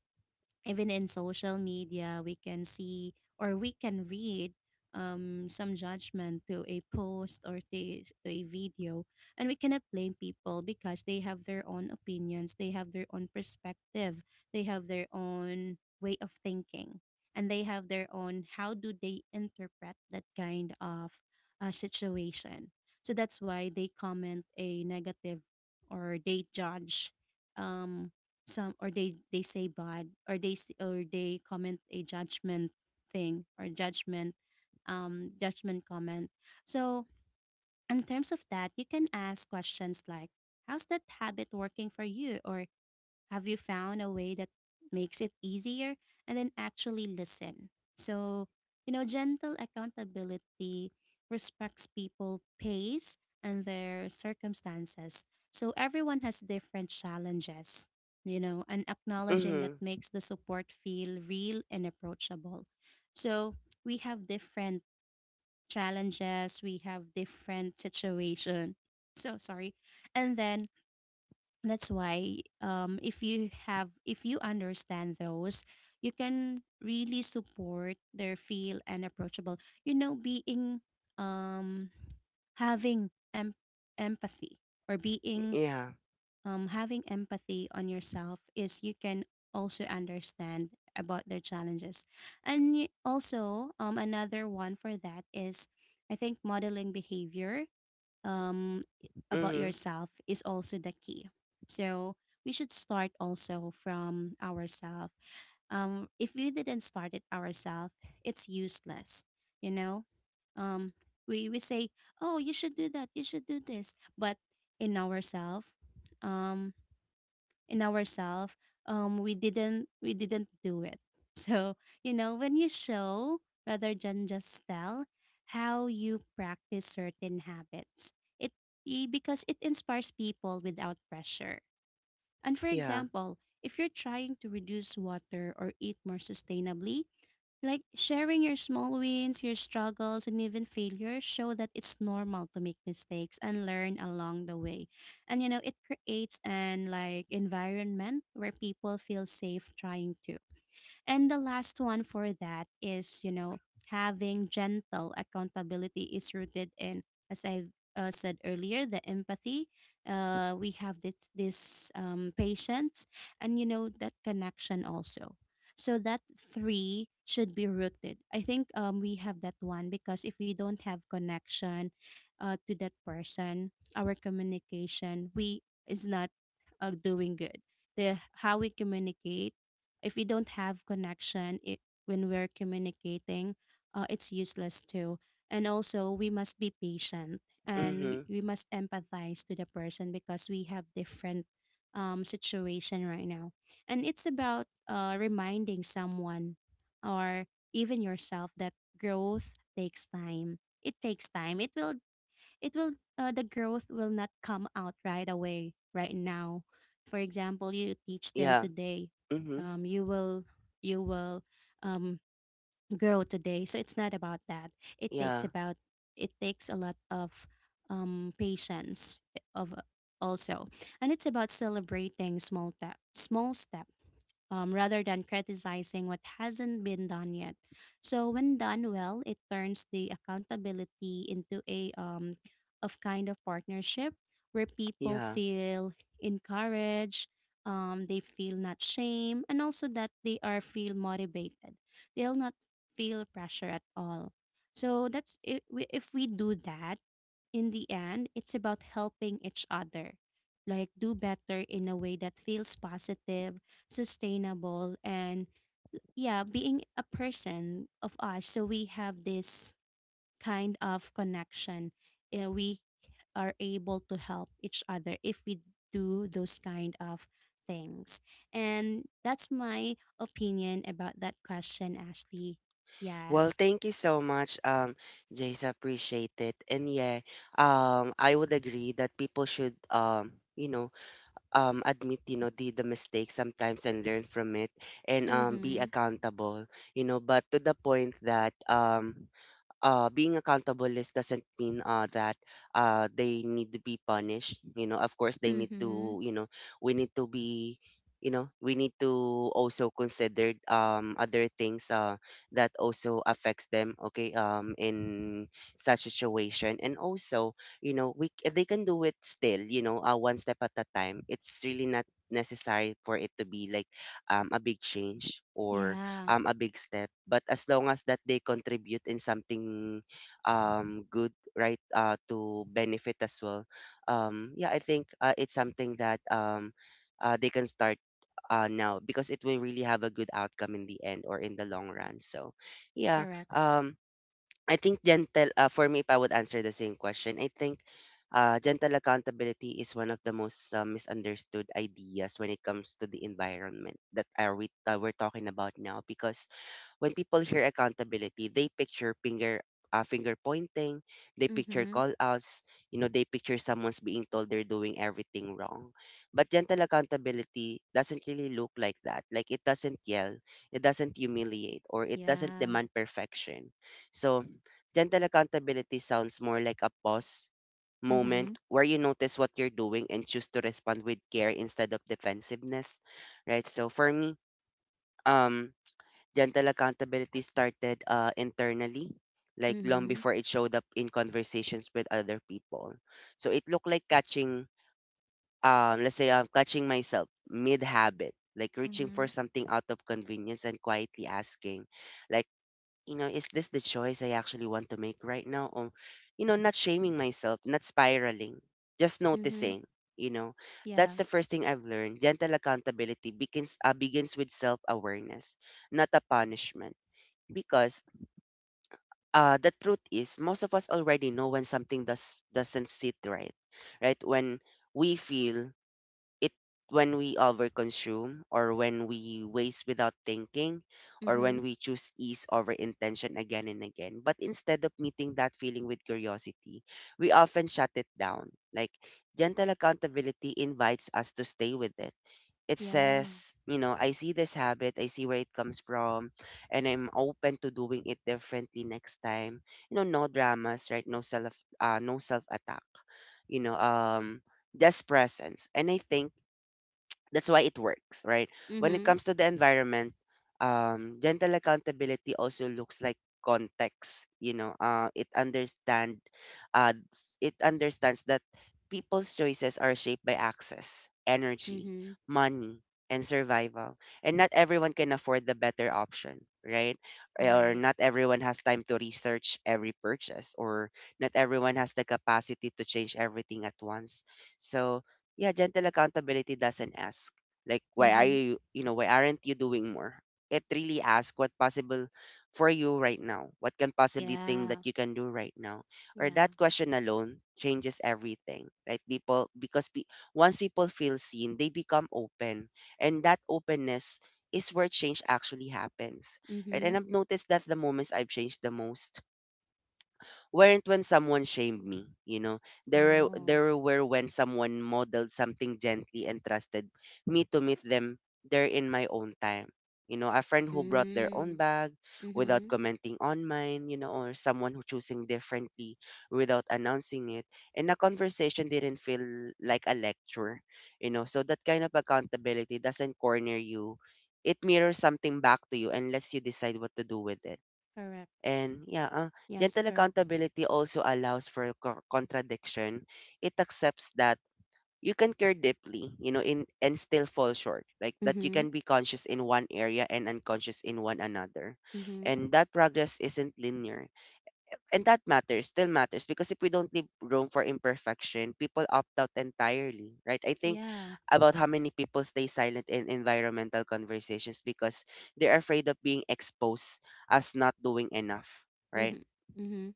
even in social media we can see or we can read some judgment to a post or to a video, and we cannot blame people because they have their own opinions, they have their own perspective, they have their own way of thinking, and they have their own how do they interpret that kind of situation. So that's why they comment a negative or they judge, um some, or they say bad or they or they comment a judgment thing or judgment, judgment comment. So in terms of that you can ask questions like, how's that habit working for you, or have you found a way that makes it easier? And then actually listen. So, gentle accountability respects people pace and their circumstances. So everyone has different challenges, and acknowledging that Mhm. makes the support feel real and approachable. So we have different challenges, we have different situation. So sorry. And then that's why, if you have, if you understand those, you can really support their feel and approachable, you know, being, um having empathy, or being, Yeah. Having empathy on yourself, is you can also understand about their challenges. And also, another one for that is, I think, modeling behavior, um, about Mhm. yourself is also the key. So we should start also from ourselves. If we didn't start it ourselves, it's useless. You know, um, we say, "Oh, you should do that. You should do this," but in ourselves, in ourselves we didn't do it so, when you show rather than just tell how you practice certain habits, it because it inspires people without pressure. And for Yeah. example, if you're trying to reduce water or eat more sustainably, like sharing your small wins, your struggles, and even failures show that it's normal to make mistakes and learn along the way. And, it creates an like environment where people feel safe trying to. And the last one for that is, having gentle accountability is rooted in, as I said earlier, the empathy. We have this, patience, and, that connection also. So that three should be rooted. I think, we have that one, because if we don't have connection to that person, our communication we is not doing good. The how we communicate, if we don't have connection it, when we're communicating, it's useless too. And also we must be patient, and we Mhm. we must empathize to the person because we have different, situation right now. And it's about reminding someone or even yourself that growth takes time, it takes time, it will the growth will not come out right away right now. For example, you teach them Yeah. today, Mhm. um, you will you will um, grow today, so it's not about that. It takes Yeah. about, it takes a lot of, patience of also. And it's about celebrating small steps, rather than criticizing what hasn't been done yet. So when done well, it turns the accountability into a, of kind of partnership where people Yeah. feel encouraged, they feel not shame, and also that they are feel motivated. They'll not feel pressure at all. So that's if we do that, in the end, it's about helping each other, like do better in a way that feels positive, sustainable, and, yeah, being a person of us, so we have this kind of connection. We are able to help each other if we do those kind of things. And that's my opinion about that question, Ashley. Well, Yes. thank you so much, Jace. Appreciate it. And yeah, I would agree that people should, you know, admit, you know, the mistakes sometimes and learn from it and be Mm-hmm. accountable, you know. But to the point that, being accountable is doesn't mean that they need to be punished. You know, of course, they need Mm-hmm. to. You know, we need to be. You know, we need to also consider other things that also affects them. Okay, in such situation, and also, you know, they can do it still. You know, one step at a time. It's really not necessary for it to be like a big change or Yeah. A big step. But as long as that they contribute in something good, right, to benefit as well, yeah, I think it's something that they can start now because it will really have a good outcome in the end or in the long run. So, yeah, Correct. I think gentle, for me, if I would answer the same question, I think gentle accountability is one of the most misunderstood ideas when it comes to the environment that we're talking about now because when people hear accountability, they picture finger pointing, they picture Mm-hmm. call outs, you know, they picture someone's being told they're doing everything wrong. But gentle accountability doesn't really look like that. Like it doesn't yell, it doesn't humiliate, or it doesn't Yeah. demand perfection. So gentle accountability sounds more like a pause moment Mm-hmm. where you notice what you're doing and choose to respond with care instead of defensiveness, right? So for me, um gentle accountability started internally, like long Mm-hmm. before it showed up in conversations with other people. So it looked like let's say, I'm catching myself mid habit, like reaching for Mm-hmm. something out of convenience and quietly asking, like, you know, is this the choice I actually want to make right now? Or, you know, not shaming myself, not spiraling, just Mm-hmm. noticing. You know, Yeah. that's the first thing I've learned. Gentle accountability begins with self awareness, not a punishment because the truth is most of us already know when something does doesn't sit right, right? When we feel it, when we overconsume or when we waste without thinking or Mm-hmm. when we choose ease over intention again and again, but instead of meeting that feeling with curiosity we often shut it down. Like gentle accountability invites us to stay with it. It Yeah. says, you know, I see this habit, I see where it comes from, and I'm open to doing it differently next time. You know, no dramas, right? No self, no self attack. You know, just presence. And I think that's why it works, right? When it Mm-hmm. comes to the environment, gentle accountability also looks like context. You know, uh, it understands that people's choices are shaped by access, energy, Mm-hmm. money, and survival, and not everyone can afford the better option, right? Or Right. not everyone has time to research every purchase, or not everyone has the capacity to change everything at once. So yeah, gentle accountability doesn't ask like why are Mm-hmm. you, you know, why aren't you doing more? It really asks what possible for you right now. What can possibly thing Yeah. that you can do right now? Or Yeah. that question alone changes everything, right? Once people feel seen, they become open, and that openness is where change actually happens, right? And Mm-hmm. I've noticed that the moments I've changed the most weren't when someone shamed me, you know. There were, Oh. there were when someone modeled something gently and trusted me to meet them there in my own time. You know, a friend who brought their own Mm. bag without Mm-hmm. commenting on mine, you know, or someone who choosing differently without announcing it. And a conversation didn't feel like a lecture, you know. So that kind of accountability doesn't corner you. It mirrors something back to you unless you decide what to do with it. Correct. And yeah, Yes, gentle correct. accountability also allows for contradiction. It accepts that you can care deeply, you know, in and still fall short. Like that you Mm-hmm. can be conscious in one area and unconscious in one another. Mm-hmm. And that progress isn't linear. And that matters, still matters because if we don't leave room for imperfection, people opt out entirely, right? I think Yeah. about how many people stay silent in environmental conversations because they're afraid of being exposed as not doing enough, right? Mm-hmm. Mm-hmm.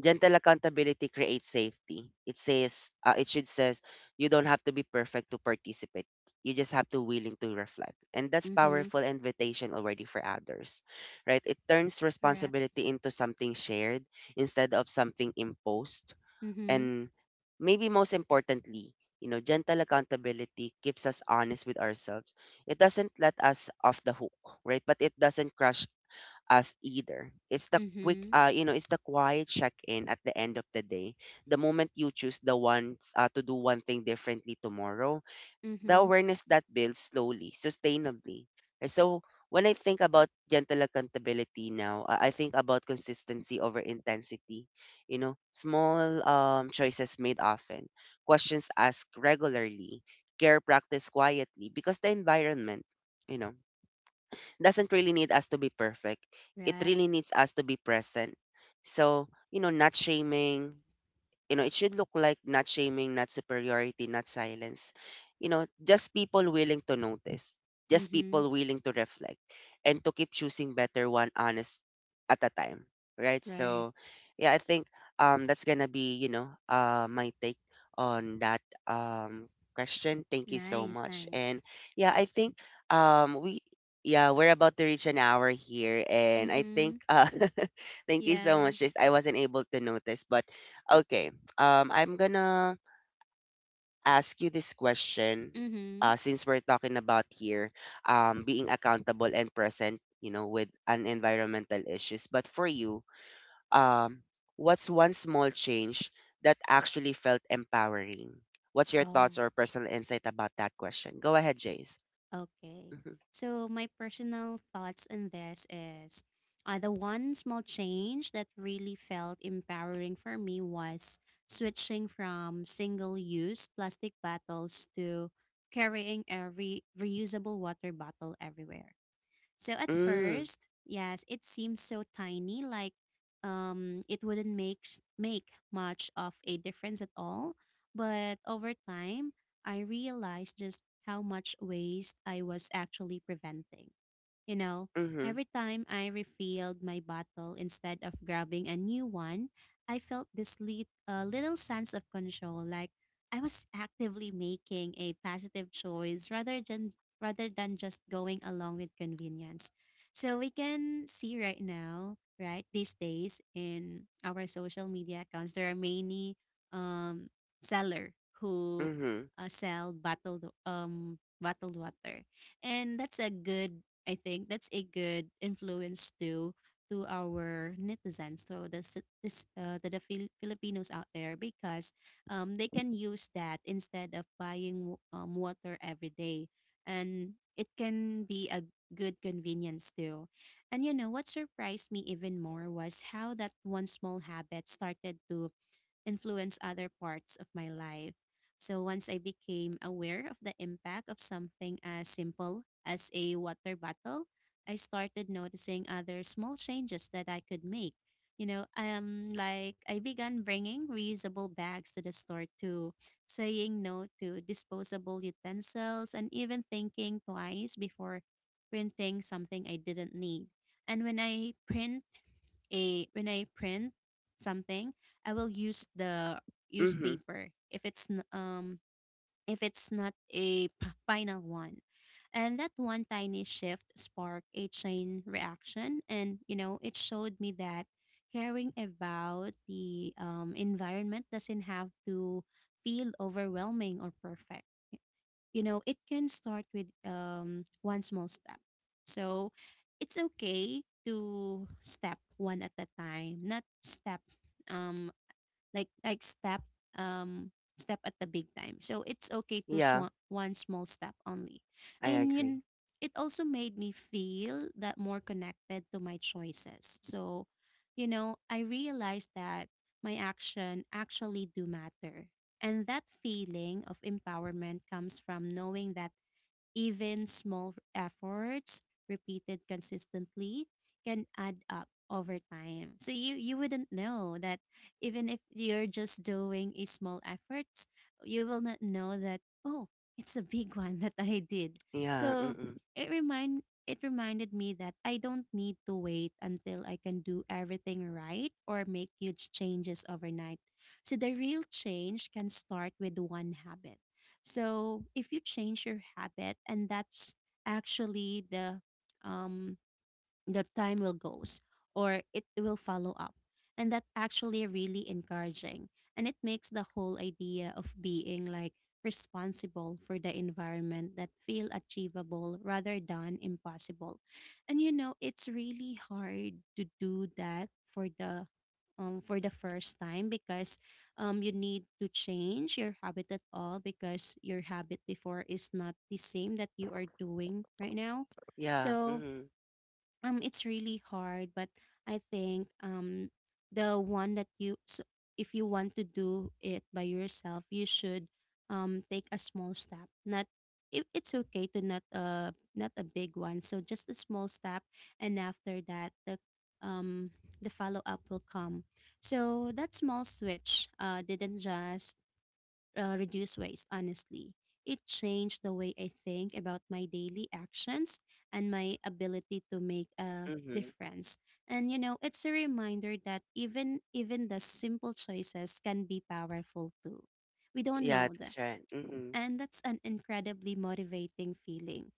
Gentle accountability creates safety. It says, it should says, you don't have to be perfect to participate. You just have to willing to reflect. And that's Mm-hmm. powerful invitation already for others, right? It turns Correct. responsibility into something shared instead of something imposed. Mm-hmm. And maybe most importantly, you know, gentle accountability keeps us honest with ourselves. It doesn't let us off the hook, right? But it doesn't crush us either. It's the Mm-hmm. You know, it's the quiet check-in at the end of the day. The moment you choose the one to do one thing differently tomorrow, the Mm-hmm. awareness that builds slowly, sustainably. And so when I think about gentle accountability now, I think about consistency over intensity. You know, small choices made often, questions asked regularly, care practiced quietly because the environment, you know, doesn't really need us to be perfect. It Right. really needs us to be present. So, you know, not shaming, you know, it should look like not shaming, not superiority, not silence. You know, just people willing to notice, just Mm-hmm. people willing to reflect and to keep choosing better one honest at a time. Right. Right. So, yeah, I think that's going to be, you know, my take on that um, question. Thank you so Nice, much. And nice. yeah, I think um, we, yeah, we're about to reach an hour here. And I Mm-hmm. think, thank you so Yeah. much. Sis. I wasn't able to notice, but okay, I'm gonna ask you this question. Mm-hmm. Since we're talking about here, being accountable and present, you know, with an environmental issues. But for you, um, what's one small change that actually felt empowering? What's your Oh. thoughts or personal insight about that question? Go ahead, Jace. Okay. Mm-hmm. So my personal thoughts on this is, the one small change that really felt empowering for me was switching from single-use plastic bottles to carrying a reusable water bottle everywhere. So at first, yes, it seemed so tiny, like, it wouldn't make much of a difference at all. But over time, I realized just how much waste I was actually preventing. You know, Hmm. every time I refilled my bottle instead of grabbing a new one, I felt this little sense of control, like I was actively making a positive choice rather than just going along with convenience. So we can see right now, right, these days in our social media accounts, there are many, um seller who mm hmm sell bottled, bottled water, and that's a good I think that's a good influence to our netizens, so the this to the Filipinos out there, because, they can use that instead of buying water every day, and it can be a good convenience too. And you know what surprised me even more was how that one small habit started to influence other parts of my life. So once I became aware of the impact of something as simple as a water bottle, I started noticing other small changes that I could make. Like I began bringing reusable bags to the store too, saying no to disposable utensils, and even thinking twice before printing something I didn't need. And when I print something, I will hmm. use Hmm. paper if it's not a final one. And that one tiny shift sparked a chain reaction, and, it showed me that caring about the, environment doesn't have to feel overwhelming or perfect. It can start with, one small step. So it's okay to step one at a time, not step, um like step, um step at the big time. So it's okay to Yeah, swan one small step only. I And agree. you it also made me feel that more connected to my choices. So, I realized that my action actually do matter, and that feeling of empowerment comes from knowing that even small efforts repeated consistently can add up over time. So you wouldn't know that even if you're just doing a small efforts, you will not know that, oh, it's a big one that I did. Yeah. So Mm-mm. It reminded me that I don't need to wait until I can do everything right or make huge changes overnight. So the real change can start with one habit. So if you change your habit, and that's actually um, the time will goes or it will follow up, and that actually really encouraging, and it makes the whole idea of being like responsible for the environment that feel achievable rather than impossible. And, it's really hard to do that for the first time, because, you need to change your habit at all, because your habit before is not the same that you are doing right now. Yeah. So, Hmm. It's really hard, but I think, the one that you so if you want to do it by yourself, you should, take a small step, not, it's okay to not, not a big one, so just a small step. And after that, um the follow up will come. So that small switch, didn't just, reduce waste, honestly. It changed the way I think about my daily actions and my ability to make a Hmm. difference. And, it's a reminder that even the simple choices can be powerful too. We don't Yeah, know that's that. right. Hmm. And that's an incredibly motivating feeling.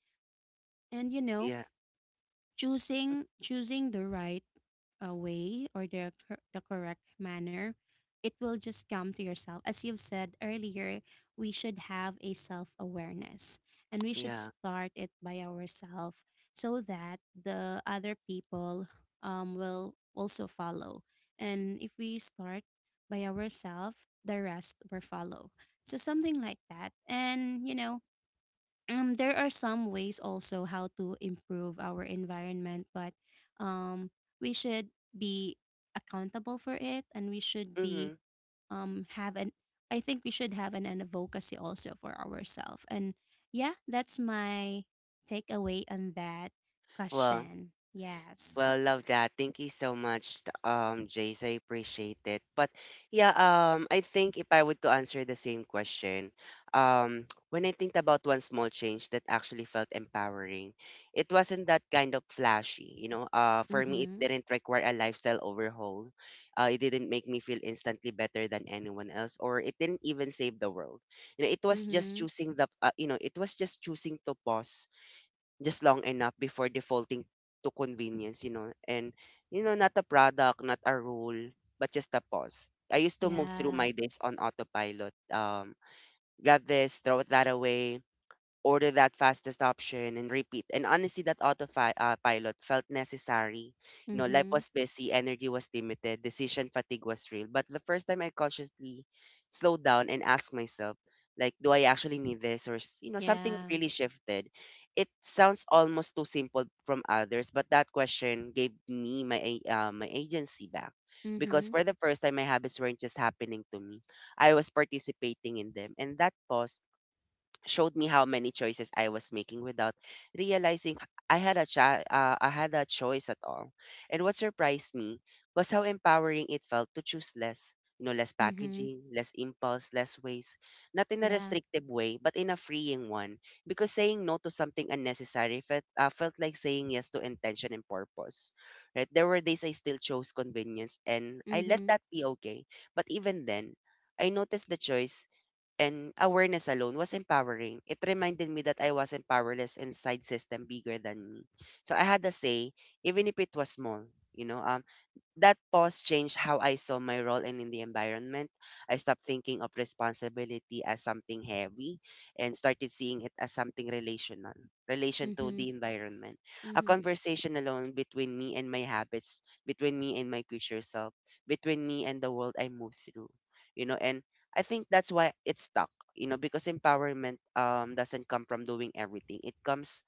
And, Yeah. Choosing the right way, or the correct manner, it will just come to yourself. As you've said earlier, we should have a self awareness, and we should Yeah. start it by ourselves, so that the other people, will also follow. And if we start by ourselves, the rest will follow. So something like that. And, there are some ways also how to improve our environment, but, um we should be accountable for it, and we should Mm-hmm. be, have an I think we should have an advocacy also for ourselves. And yeah, that's my takeaway on that Well, question. Yes. well, love that. Thank you so much, Jace. I appreciate it. But yeah, I think if I would to answer the same question, um, when I think about one small change that actually felt empowering, it wasn't that kind of flashy, you know. For me, it Mm-hmm. didn't require a lifestyle overhaul. It didn't make me feel instantly better than anyone else, or it didn't even save the world. You know, it was just Mm-hmm. You know, it was just choosing to pause just long enough before defaulting to convenience, you know. And, you know, not a product, not a rule, but just a pause. I used to move through Yeah. my days on autopilot. Grab this, throw that away, order that fastest option and repeat. And honestly, that autopilot pilot felt necessary. You know, life Mm-hmm. was busy, energy was limited, decision fatigue was real. But the first time I consciously slowed down and asked myself, like, do I actually need this? Or, you know, something Yeah. really shifted. It sounds almost too simple from others, but that question gave me my agency back. Because Mm-hmm. for the first time, my habits weren't just happening to me. I was participating in them. And that pause showed me how many choices I was making without realizing I had a I had a choice at all. And what surprised me was how empowering it felt to choose less. You know, less Mm-hmm. packaging, less impulse, less waste. Not in a Yeah. restrictive way, but in a freeing one. Because saying no to something unnecessary felt like saying yes to intention and purpose, right? There were days I still chose convenience, and I let Mm-hmm. that be okay. But even then, I noticed the choice, and awareness alone was empowering. It reminded me that I wasn't powerless inside system bigger than me. So I had a say, even if it was small. You know, that pause changed how I saw my role and in the environment. I stopped thinking of responsibility as something heavy and started seeing it as something relational, relation to Mm-hmm. the environment. A Mm-hmm. conversation alone between me and my habits, between me and my future self, between me and the world I move through. You know, and I think that's why it stuck, you know, because empowerment doesn't come from doing everything. It comes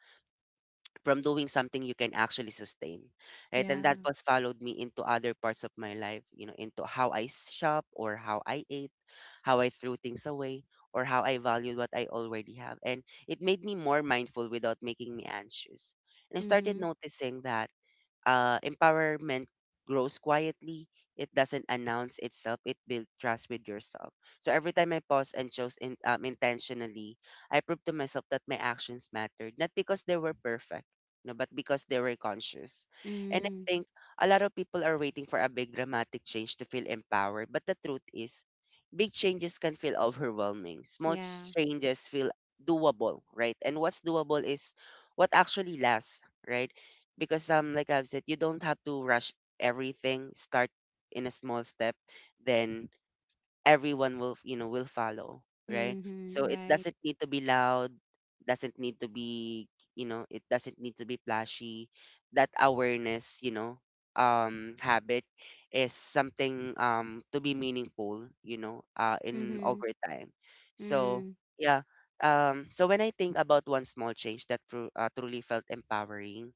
from doing something you can actually sustain, right? And that Yeah. was followed me into other parts of my life, you know, into how I shop or how I ate, how I threw things away, or how I valued what I already have. And it made me more mindful without making me anxious. And I started Mm-hmm. noticing that empowerment grows quietly. It doesn't announce itself. It builds trust with yourself. So every time I pause and chose intentionally, I proved to myself that my actions mattered, not because they were perfect, no, but because they were conscious. And I Mm, think a lot of people are waiting for a big dramatic change to feel empowered. But the truth is, big changes can feel overwhelming. Small yeah. changes feel doable, right? And what's doable is what actually lasts, right? Because like I've said, you don't have to rush everything. Start in a small step, then everyone will, will follow, right? So Mm-hmm. it Right. doesn't need to be loud, doesn't need to be, it doesn't need to be flashy. That awareness, habit is something to be meaningful, in Mm-hmm. over time. So Mm. yeah. So when I think about one small change that truly felt empowering,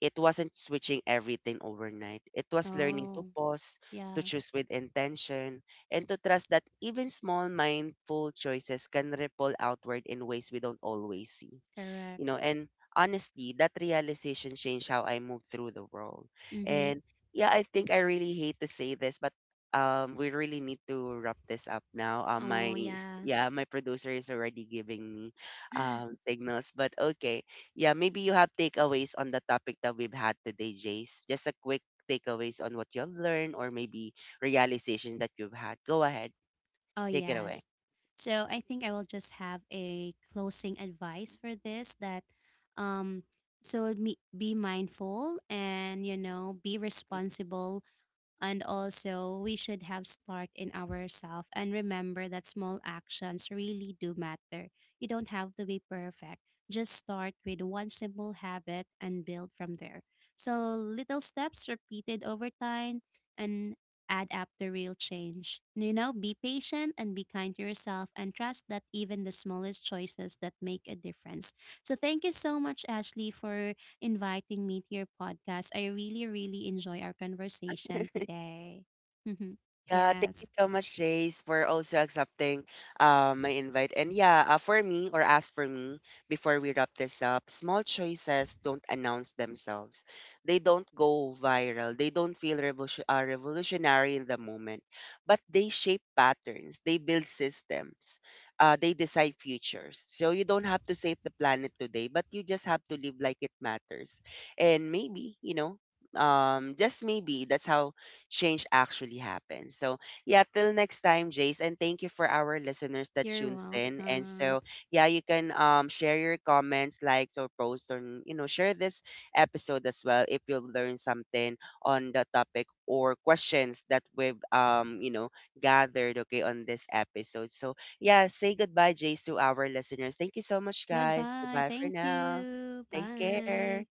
it wasn't switching everything overnight. It was learning to Oh, pause, to yeah. choose with intention, and to trust that even small mindful choices can ripple outward in ways we don't always see. Correct. You know, and honestly, that realization changed how I moved through the world. Mm-hmm. And yeah, I think I really hate to say this, but we really need to wrap this up now. um my Oh, s- yeah. yeah my producer is already giving me signals, but okay, yeah, maybe you have takeaways on the topic that we've had today, Jace. Just a quick takeaways on what you've learned, or maybe realization that you've had. Go ahead, Oh, take it away. yes. So I think I will just have a closing advice for this that, um, so me, be mindful, and, be Mhm. responsible. And also, we should have start in ourselves, and remember that small actions really do matter. You don't have to be perfect. Just start with one simple habit and build from there. So, little steps repeated over time and add up to real change. Be patient and be kind to yourself, and trust that even the smallest choices that make a difference. So, thank you so much, Ashley, for inviting me to your podcast. I really, really enjoy our conversation today. Yeah, thank you Yes. so much, Jace, for also accepting my invite. And yeah, for me, or as for me, before we wrap this up, small choices don't announce themselves. They don't go viral. They don't feel revolutionary in the moment, but they shape patterns. They build systems. They decide futures. So you don't have to save the planet today, but you just have to live like it matters. And maybe, you know, just maybe that's how change actually happens. So, yeah, till next time, Jace. And thank you for our listeners that You're tunes in. And so, welcome. yeah, you can share your comments, likes, or post, or, you know, share this episode as well if you learn something on the topic or questions that we've, gathered, okay, on this episode. So, yeah, say goodbye, Jace, to our listeners. Thank you so much, guys. Goodbye. Goodbye for Thank now. you. Take care. Bye.